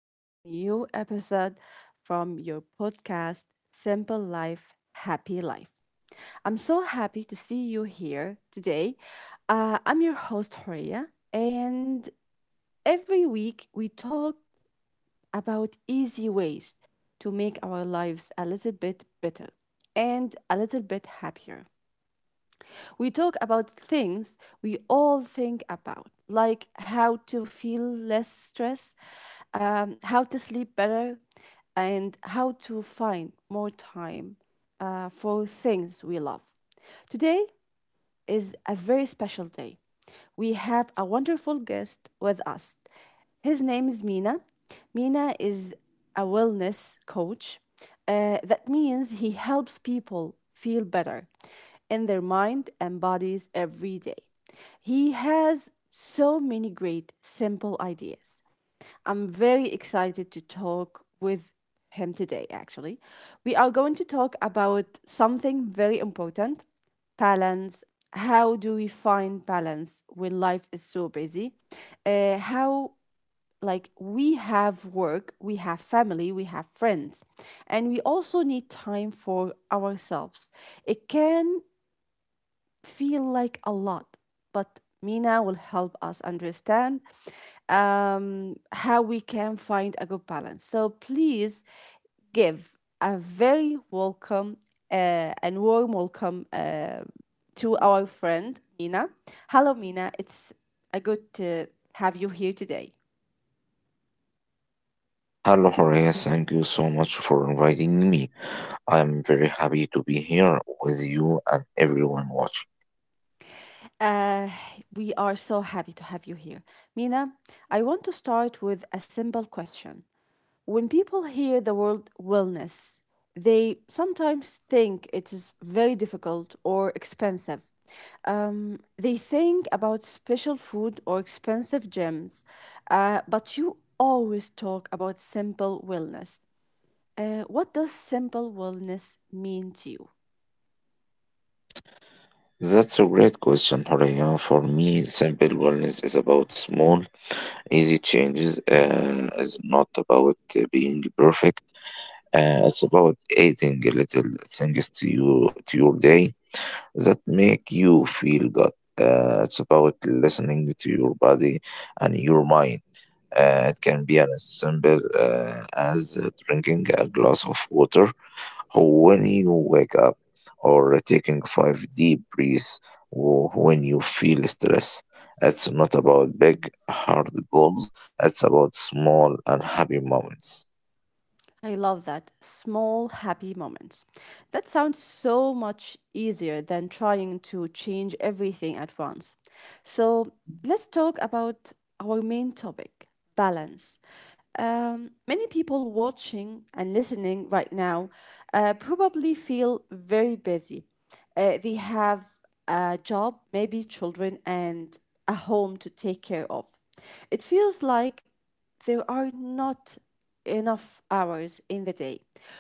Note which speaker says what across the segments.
Speaker 1: of a new episode from your podcast, Simple Life, Happy Life. I'm so happy to see you here today. I'm your host, Horia, and every week we talk about easy ways to make our lives a little bit better and a little bit happier. We talk about things we all think about, like how to feel less stress, how to sleep better, and how to find more time for things we love. Today, is a very special day. We have a wonderful guest with us. His name is Mina. Mina is a wellness coach. That means he helps people feel better in their mind and bodies every day. He has so many great, simple ideas. I'm very excited to talk with him today, actually. We are going to talk about something very important, balance. How do we find balance when life is so busy? How like we have work, we have family, we have friends, and we also need time for ourselves. It can feel like a lot, but Mina will help us understand how we can find a good balance. So please give a very welcome and warm welcome to our friend Mina. Hello, Mina. It's a good to have you here today.
Speaker 2: Hello, Horace. Thank you so much for inviting me. I am very happy to be here with you and everyone watching.
Speaker 1: Uh, we are so happy to have you here. Mina, I want to start with a simple question. When people hear the word wellness, they sometimes think it is very difficult or expensive. They think about special food or expensive gyms, but you always talk about simple wellness. What does simple wellness mean to you?
Speaker 2: That's a great question, Horea. For me, simple wellness is about small, easy changes. It's not about being perfect. It's about adding little things to you to your day that make you feel good. It's about listening to your body and your mind.
Speaker 1: Mm-hmm.
Speaker 2: It can be as simple as drinking a glass of water when you wake up, or taking five deep breaths when you feel stress. It's not about big, hard goals, it's about small and happy moments.
Speaker 1: I love that. Small happy moments. That sounds so much easier than trying to change everything at once. So let's talk about our main topic, balance. Many people watching and listening right now probably feel very busy. They have a job, maybe children, and a home to take care of. It feels like there are not enough hours in the day.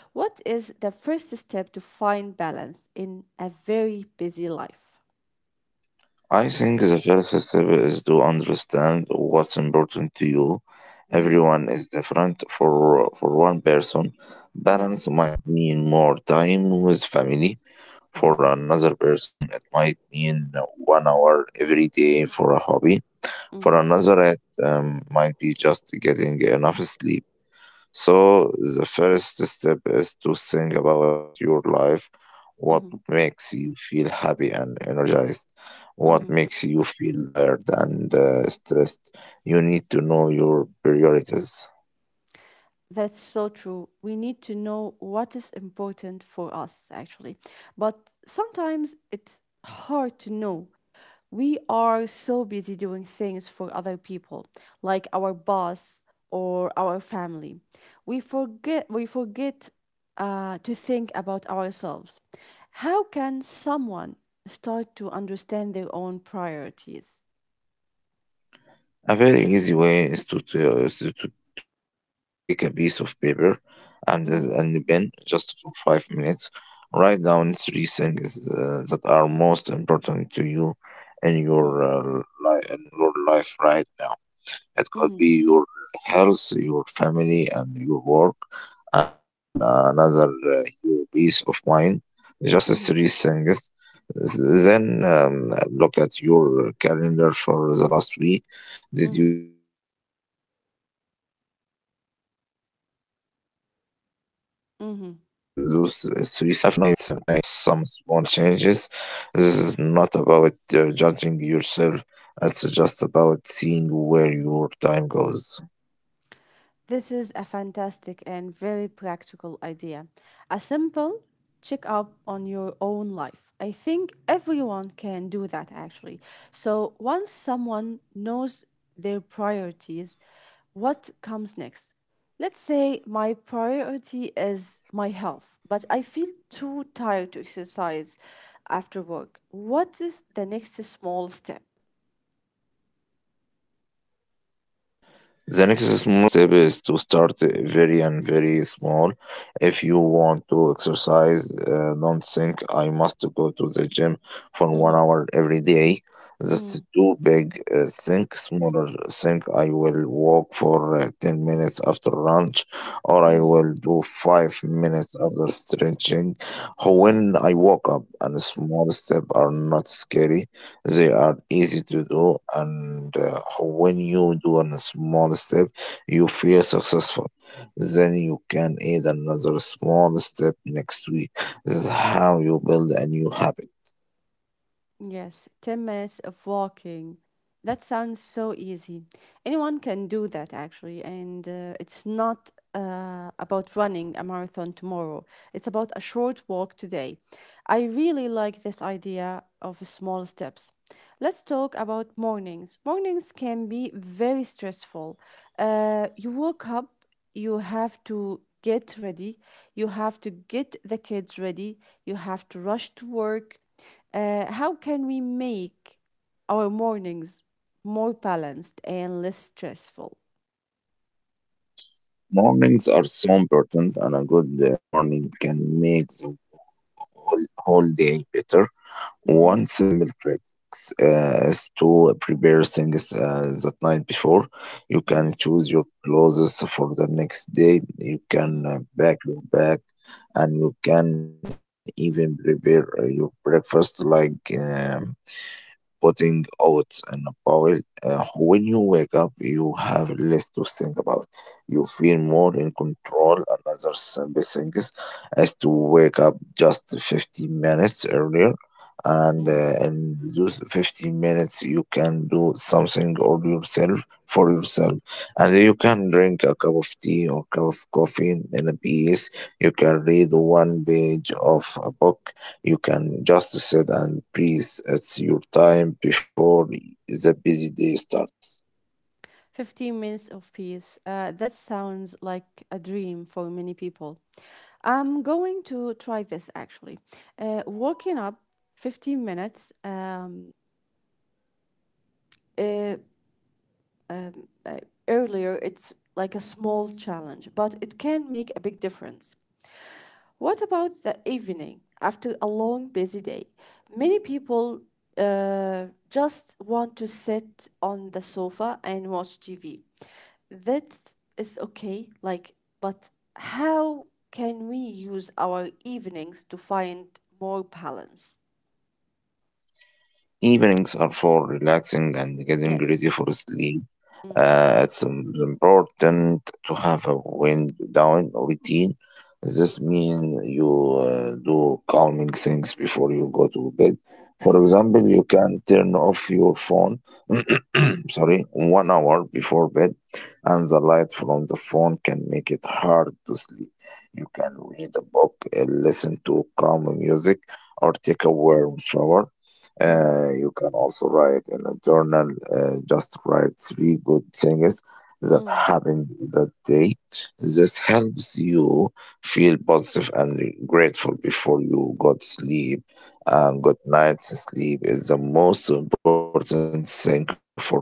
Speaker 1: What is the first step to find balance in a very busy life?
Speaker 2: I think the first step is to understand what's important to you.
Speaker 1: hmm
Speaker 2: Everyone is different. For one person,
Speaker 1: Yes.
Speaker 2: balance might mean more time with family. For
Speaker 1: hmm
Speaker 2: another person, it might mean 1 hour every day for a hobby. For
Speaker 1: hmm
Speaker 2: another, it might be just getting enough sleep. So, the first step is to think about your life, what
Speaker 1: hmm
Speaker 2: makes you feel happy and energized, what
Speaker 1: hmm
Speaker 2: makes you feel tired and stressed. You need to know your priorities.
Speaker 1: That's so true. We need to know what is important for us, actually. But sometimes it's hard to know. We are so busy doing things for other people, like our boss or our family. We forget to think about ourselves. How can someone start to understand their own priorities?
Speaker 2: A very easy way is to take a piece of paper and a
Speaker 1: Mm-hmm,
Speaker 2: pen just for 5 minutes. Write down three things that are most important to you in your
Speaker 1: mm-hmm,
Speaker 2: in your life right now. It could
Speaker 1: mm-hmm,
Speaker 2: be your health, your family, and your work, and another your peace of mind. Just
Speaker 1: mm-hmm,
Speaker 2: three things. Then look at your calendar for the last week.
Speaker 1: mm-hmm,
Speaker 2: Did you spend time on those three things? If not, maybe it's
Speaker 1: mm-hmm.
Speaker 2: time to make some small changes. This is not about judging yourself, it's just about seeing where your time goes.
Speaker 1: This is a fantastic and very practical idea. A simple check up on your own life. I think everyone can do that actually. So once someone knows their priorities, what comes next? Let's say my priority is my health, but I feel too tired to exercise after work. What is the next small step?
Speaker 2: The next small step is to start very and very small. If you want to exercise, don't think I must go to the gym for
Speaker 1: Mm-hmm,
Speaker 2: 1 hour every day.
Speaker 1: mm-hmm,
Speaker 2: That's too big. Think smaller. Think I will walk for 10 minutes after lunch, or I
Speaker 1: mm-hmm,
Speaker 2: will do 5 minutes after stretching.
Speaker 1: mm-hmm.
Speaker 2: When I woke up, and small steps are not scary, they are easy to do, and when you do a small step, you feel successful. Then you can add another small step next week. This is how you build a new habit.
Speaker 1: Yes, 10 minutes of walking. That sounds so easy. Anyone can do that actually. And it's not about running a marathon tomorrow, it's about a short walk today. I really like this idea of small steps. Let's talk about mornings. Mornings can be very stressful. You woke up, you have to get ready, you have to get the kids ready, you have to rush to work. How can we make our mornings more balanced and less stressful?
Speaker 2: Mornings are so important, and a good morning can make the whole day better.
Speaker 1: Mm-hmm.
Speaker 2: One simple trick is to prepare things that night before. You
Speaker 1: Mm-hmm.
Speaker 2: can choose your clothes for the next day. You
Speaker 1: Mm-hmm.
Speaker 2: can pack your bag, and you can even prepare your breakfast, like. Putting oats in a bowl. When you wake up, you have less to think about. You feel more in control. Another simple thing is to wake up just 15 minutes earlier. And
Speaker 1: Mm-hmm.
Speaker 2: in those 15 minutes, you can do something or yourself for yourself. And you can drink a cup of tea or cup of coffee in a piece. You can read one page of a book, you can just sit and breathe. It's your time before the busy day starts.
Speaker 1: 15 minutes of peace. That sounds like a dream for many people. I'm going to try this actually. Walking up 15 minutes uh, um, uh, earlier, it's like a small challenge, but it can make a big difference. What about the evening after a long, busy day? Many people just want to sit on the sofa and watch TV. That is okay, like, but how can we use our evenings to find more balance?
Speaker 2: Evenings are for relaxing and getting ready
Speaker 1: Yes.
Speaker 2: for sleep. It's important to have a wind down routine. This means you do calming things before you go to bed. For
Speaker 1: Mm-hmm.
Speaker 2: example, you can turn off your phone, sorry, 1 hour before bed, and the light from the phone can make it hard to sleep. You can read a book, listen to calm music, or take a warm shower.
Speaker 1: Mm-hmm.
Speaker 2: You can also write in a journal. Just write three good things that
Speaker 1: Mm-hmm.
Speaker 2: happened that day. This helps you feel positive and grateful before you go to sleep. And good night's sleep is the most important thing for balance.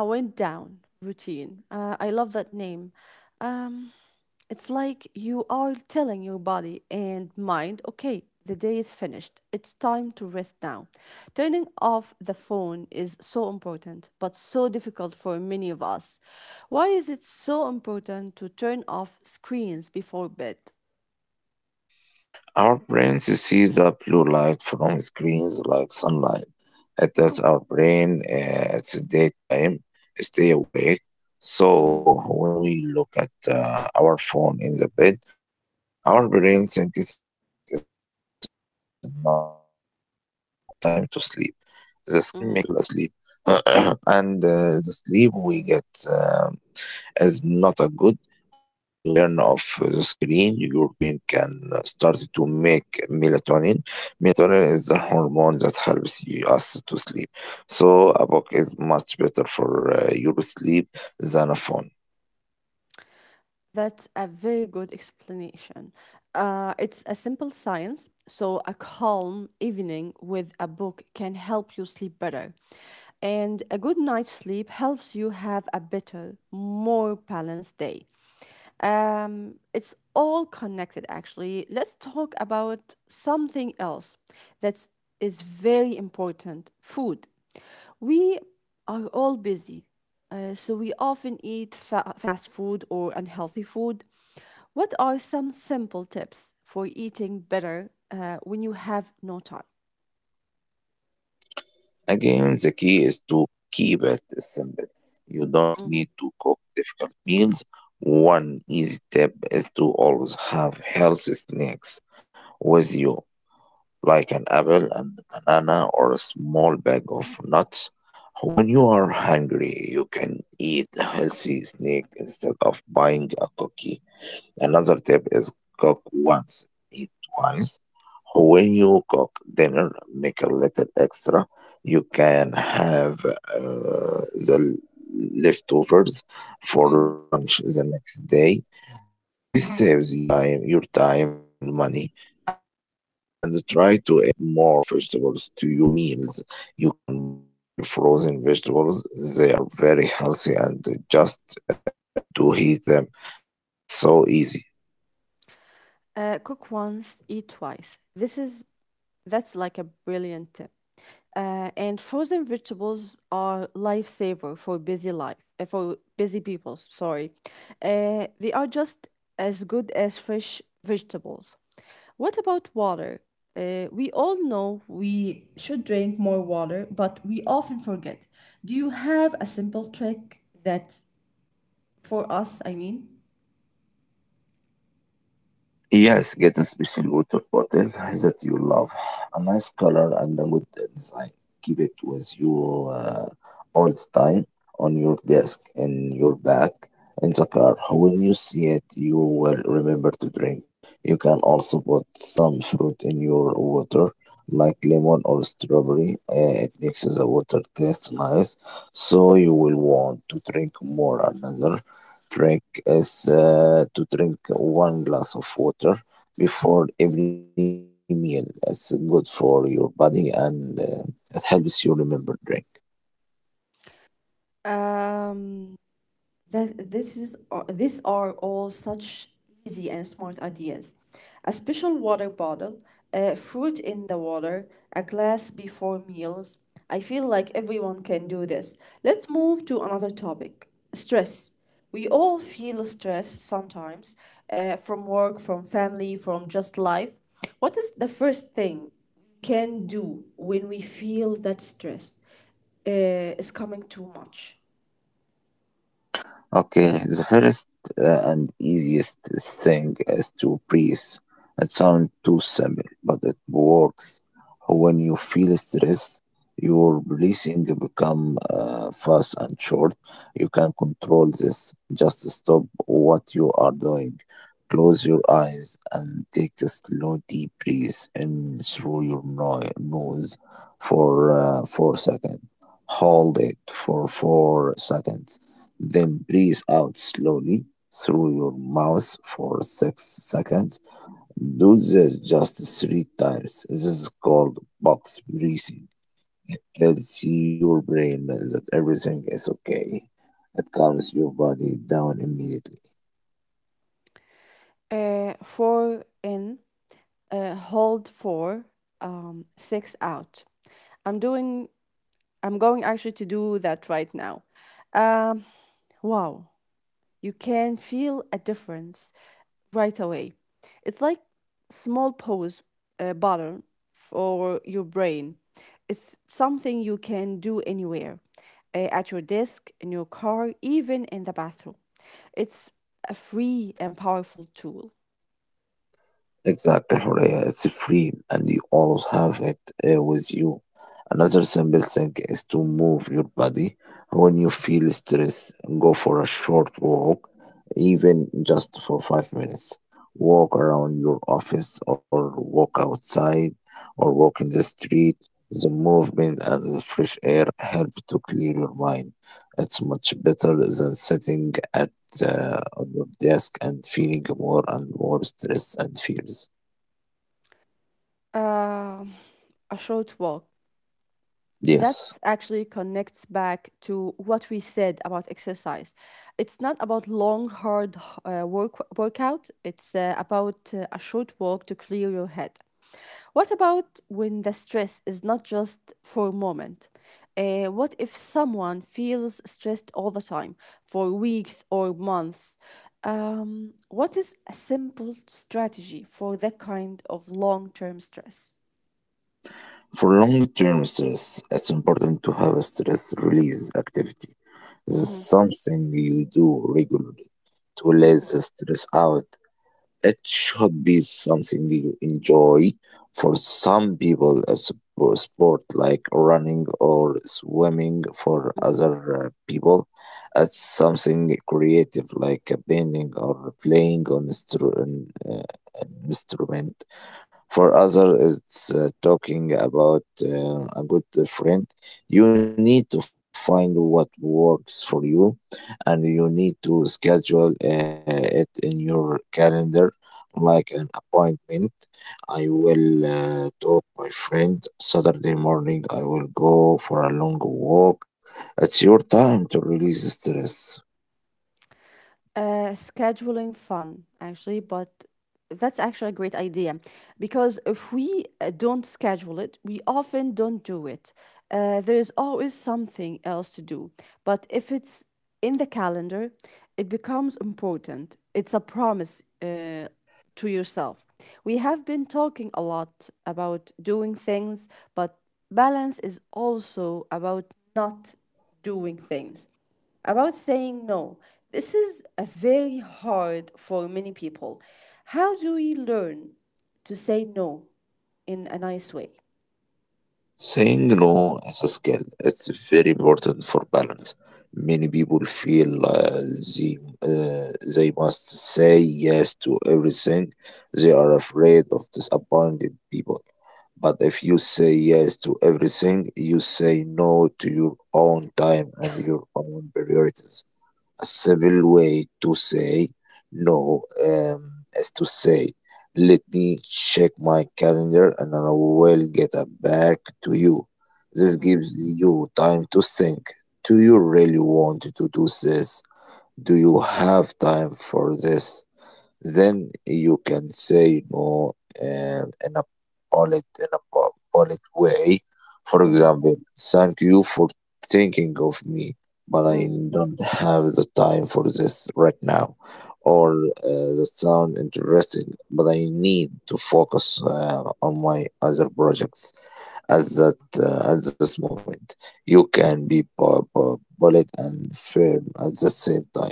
Speaker 1: I went down routine. I love that name. Um, it's like you are telling your body and mind, okay, the day is finished. It's time to rest now. Turning off the phone is so important, but so difficult for many of us. Why is it so important to turn off screens before bed?
Speaker 2: Our brains see the blue light from screens like sunlight. It tells our brain it's daytime, stay awake.
Speaker 1: Mhm,
Speaker 2: So when we look at our phone in the bed, our brain
Speaker 1: mhm,
Speaker 2: thinks it's not time to sleep. This can make it hard to fall asleep.
Speaker 1: mhm.
Speaker 2: And the sleep we get, um, is not a good. When you turn off the screen, your brain can start to make melatonin. Melatonin is the hormone that helps you, us to sleep. So a book is much better for your sleep than a phone.
Speaker 1: That's a very good explanation. It's a simple science, so a calm evening with a book can help you sleep better. And a good night's sleep helps you have a better, more balanced day. It's all connected actually. Let's talk about something else that is very important, food. We are all busy. So we often eat fast food or unhealthy food. What are some simple tips for eating better when you have no time?
Speaker 2: Again, the key is to keep it simple. You don't
Speaker 1: Mm-hmm.
Speaker 2: need to cook difficult meals. One easy tip is to always have healthy snacks with you, like an apple and banana or a small bag of nuts. When you are hungry, you can eat a healthy snack instead of buying a cookie. Another tip is cook once, eat twice. When you cook dinner, make a little extra. You can have the leftovers for lunch the next day. This saves you time, your time and money. And try to add more vegetables to your meals. You can buy frozen vegetables. They are very healthy and just need to heat them. It's so easy.
Speaker 1: Cook once, eat twice. This is That's like a brilliant tip. And frozen vegetables are lifesaver for busy life for busy people. Sorry, they are just as good as fresh vegetables. What about water? We all know we should drink more water, but we often forget. Do you have a simple trick that for us? I mean,
Speaker 2: Yes, get a special water bottle that you love. A nice color and a good design. Keep it with you all the time, on your desk, in your bag, in the car. When you see it, you will remember to drink. You can also put some fruit in your water, like lemon or strawberry. It makes the water taste nice, so you will want to drink more. Another trick is to drink one glass of water before every meal. It's good for your body and it helps you remember drink.
Speaker 1: um, that these are all such easy and smart ideas. A special water bottle, fruit in the water, a glass before meals. I feel like everyone can do this. Let's move to another topic: stress. We all feel stress sometimes, from work, from family, from just life. What is the first thing we can do when we feel that stress is coming too much?
Speaker 2: Okay, the first and easiest thing is to breathe. It sounds too simple, but it works. When you feel stress, your breathing become fast and short. You can control this. Just stop what you are doing. Close your eyes and take a slow deep breath in through your nose for 4 seconds. Hold it for 4 seconds, then breathe out slowly through your mouth for 6 seconds. Do this just 3 times. This is called box breathing. It tells your brain that everything is okay. It calms your body down immediately.
Speaker 1: Four in, hold four, six out. I'm doing. I'm going actually to do that right now. Um, wow, you can feel a difference right away. It's like small pause button for your brain. It's something you can do anywhere, at your desk, in your car, even in the bathroom. It's a free and powerful tool.
Speaker 2: Exactly, Horea. It's free and you always have it with you. Another simple thing is to move your body. When you feel stress, go for a short walk, even just for 5 minutes. Walk around your office or walk outside or walk in the street. The movement and the fresh air help to clear your mind. It's much better than sitting at on your desk and feeling more and more stress and fears.
Speaker 1: Uh, a short walk. That
Speaker 2: Yes,
Speaker 1: actually connects back to what we said about exercise. It's not about long, hard workout. It's about a short walk to clear your head. What about when the stress is not just for a moment? What if someone feels stressed all the time for weeks or months? What is a simple strategy for that kind of long term stress?
Speaker 2: for long term stress, it's important to have a stress release activity. This
Speaker 1: Mm-hmm.
Speaker 2: is something you do regularly to let
Speaker 1: Mhm,
Speaker 2: the stress out. It should be something you enjoy. For some people, a sport like running or swimming. For other
Speaker 1: mhm.
Speaker 2: people, it's something creative like a painting or playing on an instrument. For others, it's talking about a good friend. You need to find what works for you, and you need to schedule it in your calendar like an appointment. I will talk my friend Saturday morning. I will go for a long walk. It's your time to release stress.
Speaker 1: Scheduling fun, actually, but that's actually a great idea because if we don't schedule it, we often don't do it. There is always something else to do. But if it's in the calendar, it becomes important. It's a promise, to yourself. We have been talking a lot about doing things, but balance is also about not doing things, about saying no. This is a very hard for many people. How do we learn to say no in a nice way?
Speaker 2: Saying no as a skill. It's very important for balance. Many people feel they must say yes to everything. They are afraid of disappointed people. But if you say yes to everything, you say no to your own time and your own priorities. A civil way to say no, is to say, let me check my calendar and I will get back to you. This
Speaker 1: Mm-hmm.
Speaker 2: gives you time to think. Do you really want to do this? Do you have time for this? Then you can say no, uh, in a polite in a po- polite way. For example, thank you for thinking of me, but I
Speaker 1: Mm-hmm.
Speaker 2: don't have the time for this right now. Or that sound interesting, but I need to focus on my other projects at this moment. You can be polite and firm at the same time.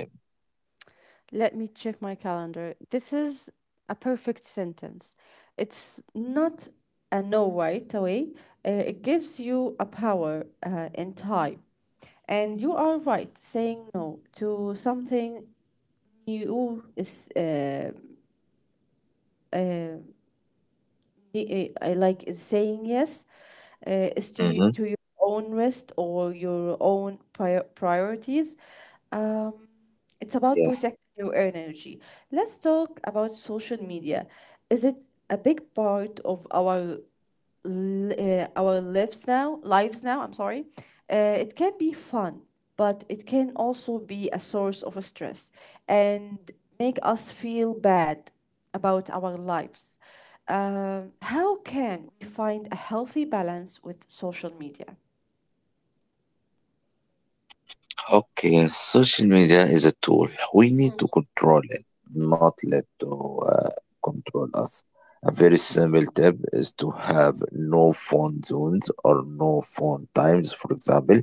Speaker 1: Let me check my calendar. This is a perfect sentence. It's not a no right away. It gives you a power in time. And you are right, saying no to something you is uh, I like is saying yes
Speaker 2: Hmm,
Speaker 1: is to to your own rest or your own priorities. Um,
Speaker 2: yes.
Speaker 1: it's about protecting your energy. Let's talk about social media. Is it a big part of our lives now, I'm sorry, it can be fun, but it can also be a source of stress and make us feel bad about our lives. How can we find a healthy balance with social media?
Speaker 2: Okay, social media is a tool. We need to control it, not let to control us. A very simple tip is to have no phone zones or no phone times. For example,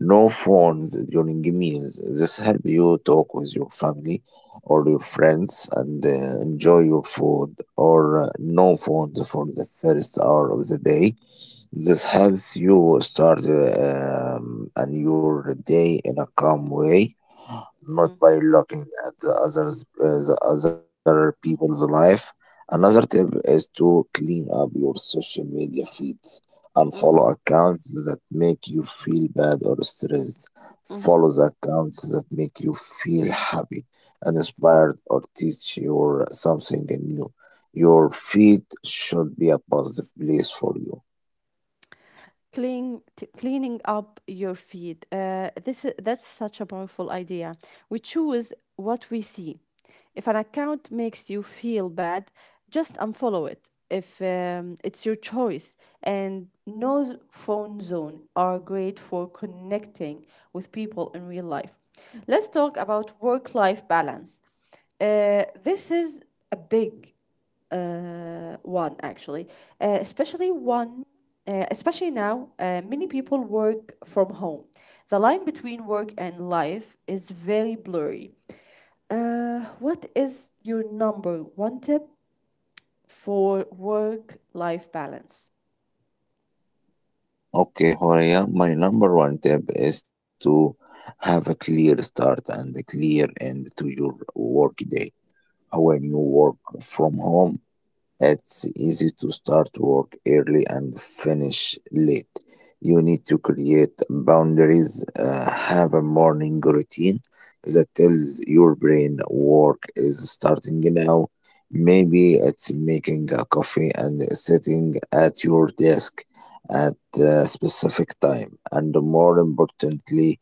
Speaker 2: no phones during meals. This help you talk with your family or your friends and enjoy your food. Or no phones for the first hour of the day. This helps you start a new day in a calm way, not by looking at the others, the other people's life. Another tip is to clean up your social media feeds and follow
Speaker 1: Mm-hmm.
Speaker 2: accounts that make you feel bad or stressed.
Speaker 1: Mm-hmm.
Speaker 2: Follow the accounts that make you feel happy, inspired, or teach you something new. Your feed should be a positive place for you.
Speaker 1: Cleaning up your feed, that's such a powerful idea. We choose what we see. If an account makes you feel bad, just unfollow it. If It's your choice. And no phone zone are great for connecting with people in real life. Let's talk about work life balance. This is a big one actually, uh, especially one, especially now, many people work from home. The line between work and life is very blurry. What is your number one tip for work-life balance?
Speaker 2: Okay, Horia, my number one tip is to have a clear start and a clear end to your work day. When you work from home, it's easy to start work early and finish late. You need to create boundaries, have a morning routine that tells your brain work is starting now. Maybe it's making a coffee and sitting at your desk at a specific time, and more importantly,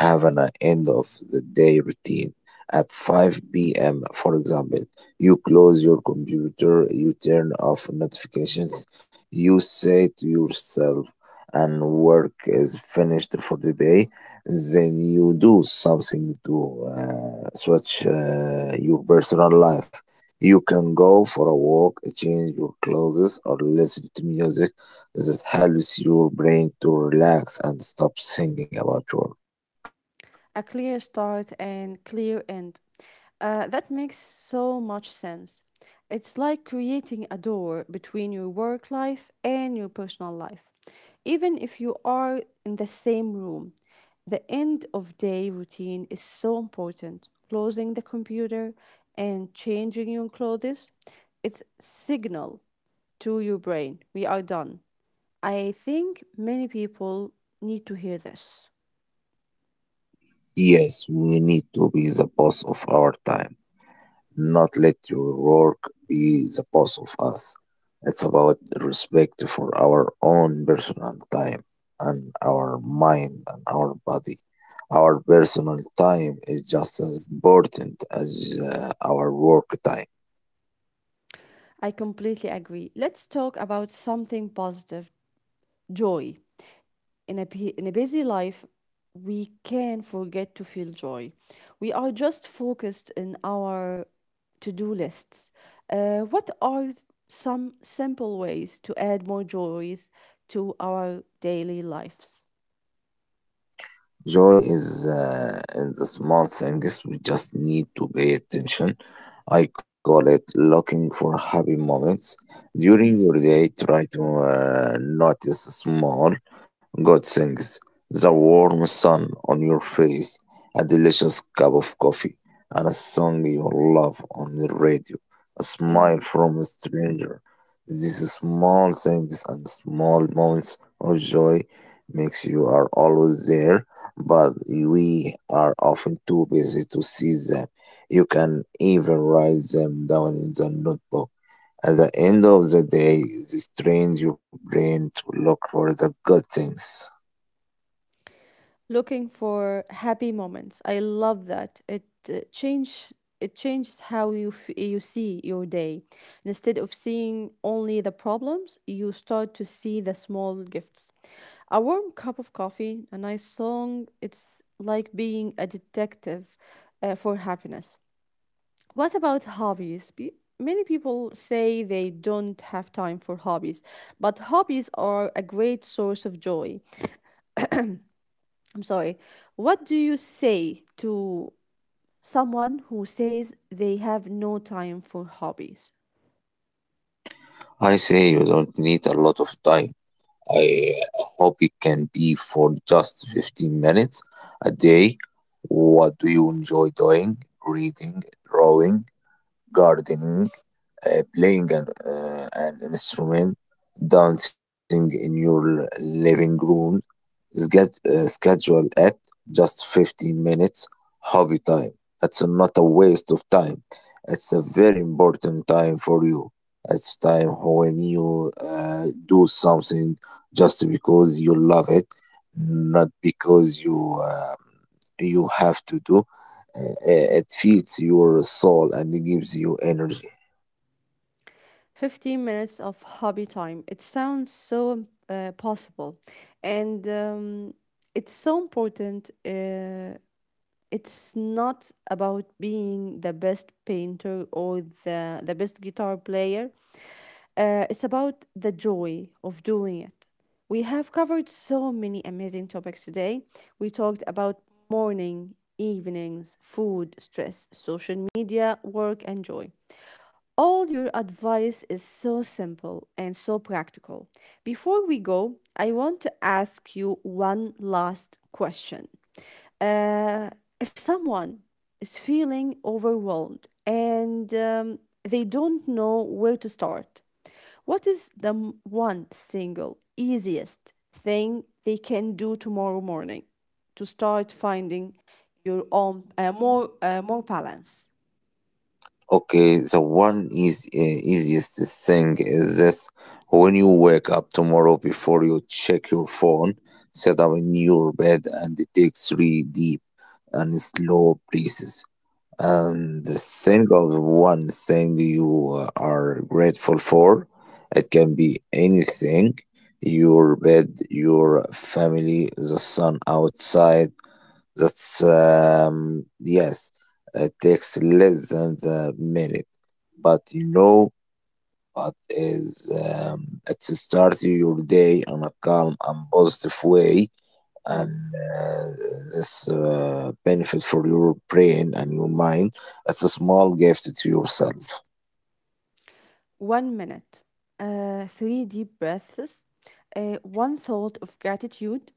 Speaker 2: have an end of the day routine at 5 p.m., for example. You close your computer, you turn off notifications, you say to yourself, and work is finished for the day. Then you do something to switch your personal life. You can go for a walk, change your clothes, or listen to music that helps your brain to relax and stop thinking about work.
Speaker 1: A clear start and clear end. That makes so much sense. It's like creating a door between your work life and your personal life. Even if you are in the same room, the end of day routine is so important. Closing the computer and changing your clothes, it's signal to your brain we are done. I think many people need to hear this.
Speaker 2: Yes, we need to be the boss of our time, not let your work be the boss of us. It's about respect for our own personal time and our mind and our body. Our personal time is just as important as our work time.
Speaker 1: I completely agree. Let's talk about something positive, joy. In a busy life, we can forget to feel joy. We are just focused in our to do lists. What are some simple ways to add more joys to our daily lives?
Speaker 2: Joy is in the small things. We just need to pay attention. I call it looking for happy moments.
Speaker 1: Mm-hmm.
Speaker 2: During your day, try to notice small good things. The warm sun on your face, a delicious cup of coffee, and a song you love on the radio, a smile from a stranger. These small things and small moments of joy makes you are always there, but we are often too busy to see them. You can even write them down in the notebook. At the end of the day, this trains your brain to look for the good things.
Speaker 1: Looking for happy moments. I love that. Uh, change it changes how you see your day. Instead of seeing only the problems, you start to see the small gifts. A warm cup of coffee, a nice song. It's like being a detective for happiness. What about hobbies? Many people say they don't have time for hobbies, but hobbies are a great source of joy. I'm sorry. What do you say to someone who says they have no time for hobbies?
Speaker 2: I say you don't need a lot of time. I hope it can be for just 15 minutes a day. What do you enjoy doing? Reading, drawing, gardening, playing an instrument, dancing in your living room. Schedule at just 15 minutes hobby time. It's not a waste of time. It's a very important time for you. It's time when you do something just because you love it, not because you you have to do. It feeds your soul and gives you energy.
Speaker 1: 15 minutes of hobby time. It sounds so possible. And it's so important. It's not about being the best painter or the best guitar player. It's about the joy of doing it. We have covered so many amazing topics today. We talked about morning, evenings, food, stress, social media, work, and joy. All your advice is so simple and so practical. Before we go, I want to ask you one last question. Uh, if someone is feeling overwhelmed and they don't know where to start, what is one single easiest thing they can do tomorrow morning to start finding your own more balance?
Speaker 2: Okay, the one is easiest thing is this: when you wake up tomorrow, before you check your phone, sit up in your bed and take three deep and slow breaths, and think of one thing you are grateful for. It can be anything: your bed, your family, the sun outside. That's Yes, it takes less than a minute, but you know, but is it starts your day in a calm and positive way, and
Speaker 1: Mm.
Speaker 2: this benefit for your brain and your mind. It's a small gift to yourself.
Speaker 1: 1 minute, three deep breaths, one thought of gratitude.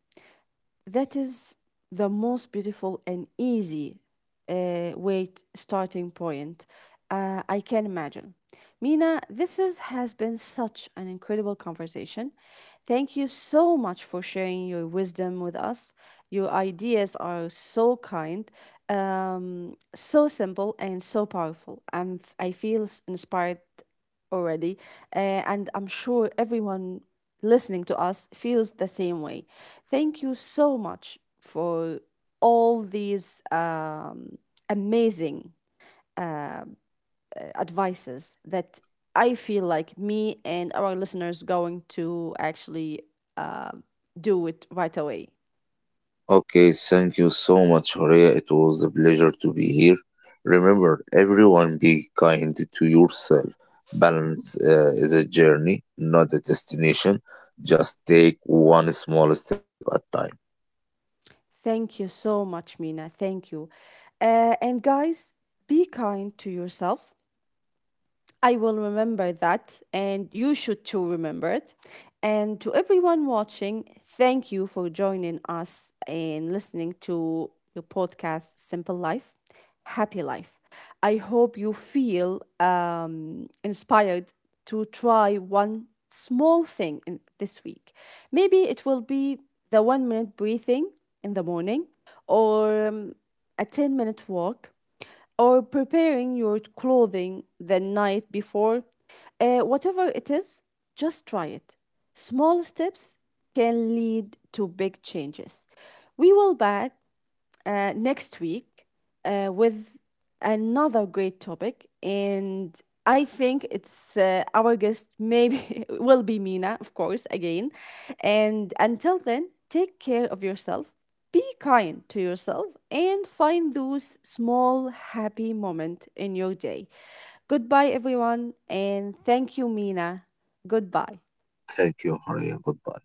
Speaker 1: That is the most beautiful and easy weight starting point. I can imagine. Mina, has been such an incredible conversation. Thank you so much for sharing your wisdom with us. Your ideas are so kind, so simple, and so powerful. I feel inspired already, and I'm sure everyone listening to us feels the same way. Thank you so much for all these amazing advices that I feel like me and our listeners going to actually uh, do it right away.
Speaker 2: Okay, thank you so much, Horea. It was a pleasure to be here. Remember, everyone, be kind to yourself. Balance is a journey, not a destination. Just take one small step at a time.
Speaker 1: Thank you so much, Mina. Thank you. And guys, be kind to yourself. I will remember that, and you should too remember it. And to everyone watching, thank you for joining us and listening to your podcast, Simple Life, Happy Life. I hope you feel inspired to try one small thing in this week. Maybe it will be the 1 minute breathing in the morning or a 10-minute walk or preparing your clothing the night before. Whatever it is, just try it. Small steps can lead to big changes. We will back next week with another great topic. And I think it's our guest, maybe will be Mina, of course, again. And until then, take care of yourself, be kind to yourself, and find those small happy moments in your day. Goodbye, everyone. And thank you, Mina. Goodbye.
Speaker 2: Thank you, Horea. Goodbye.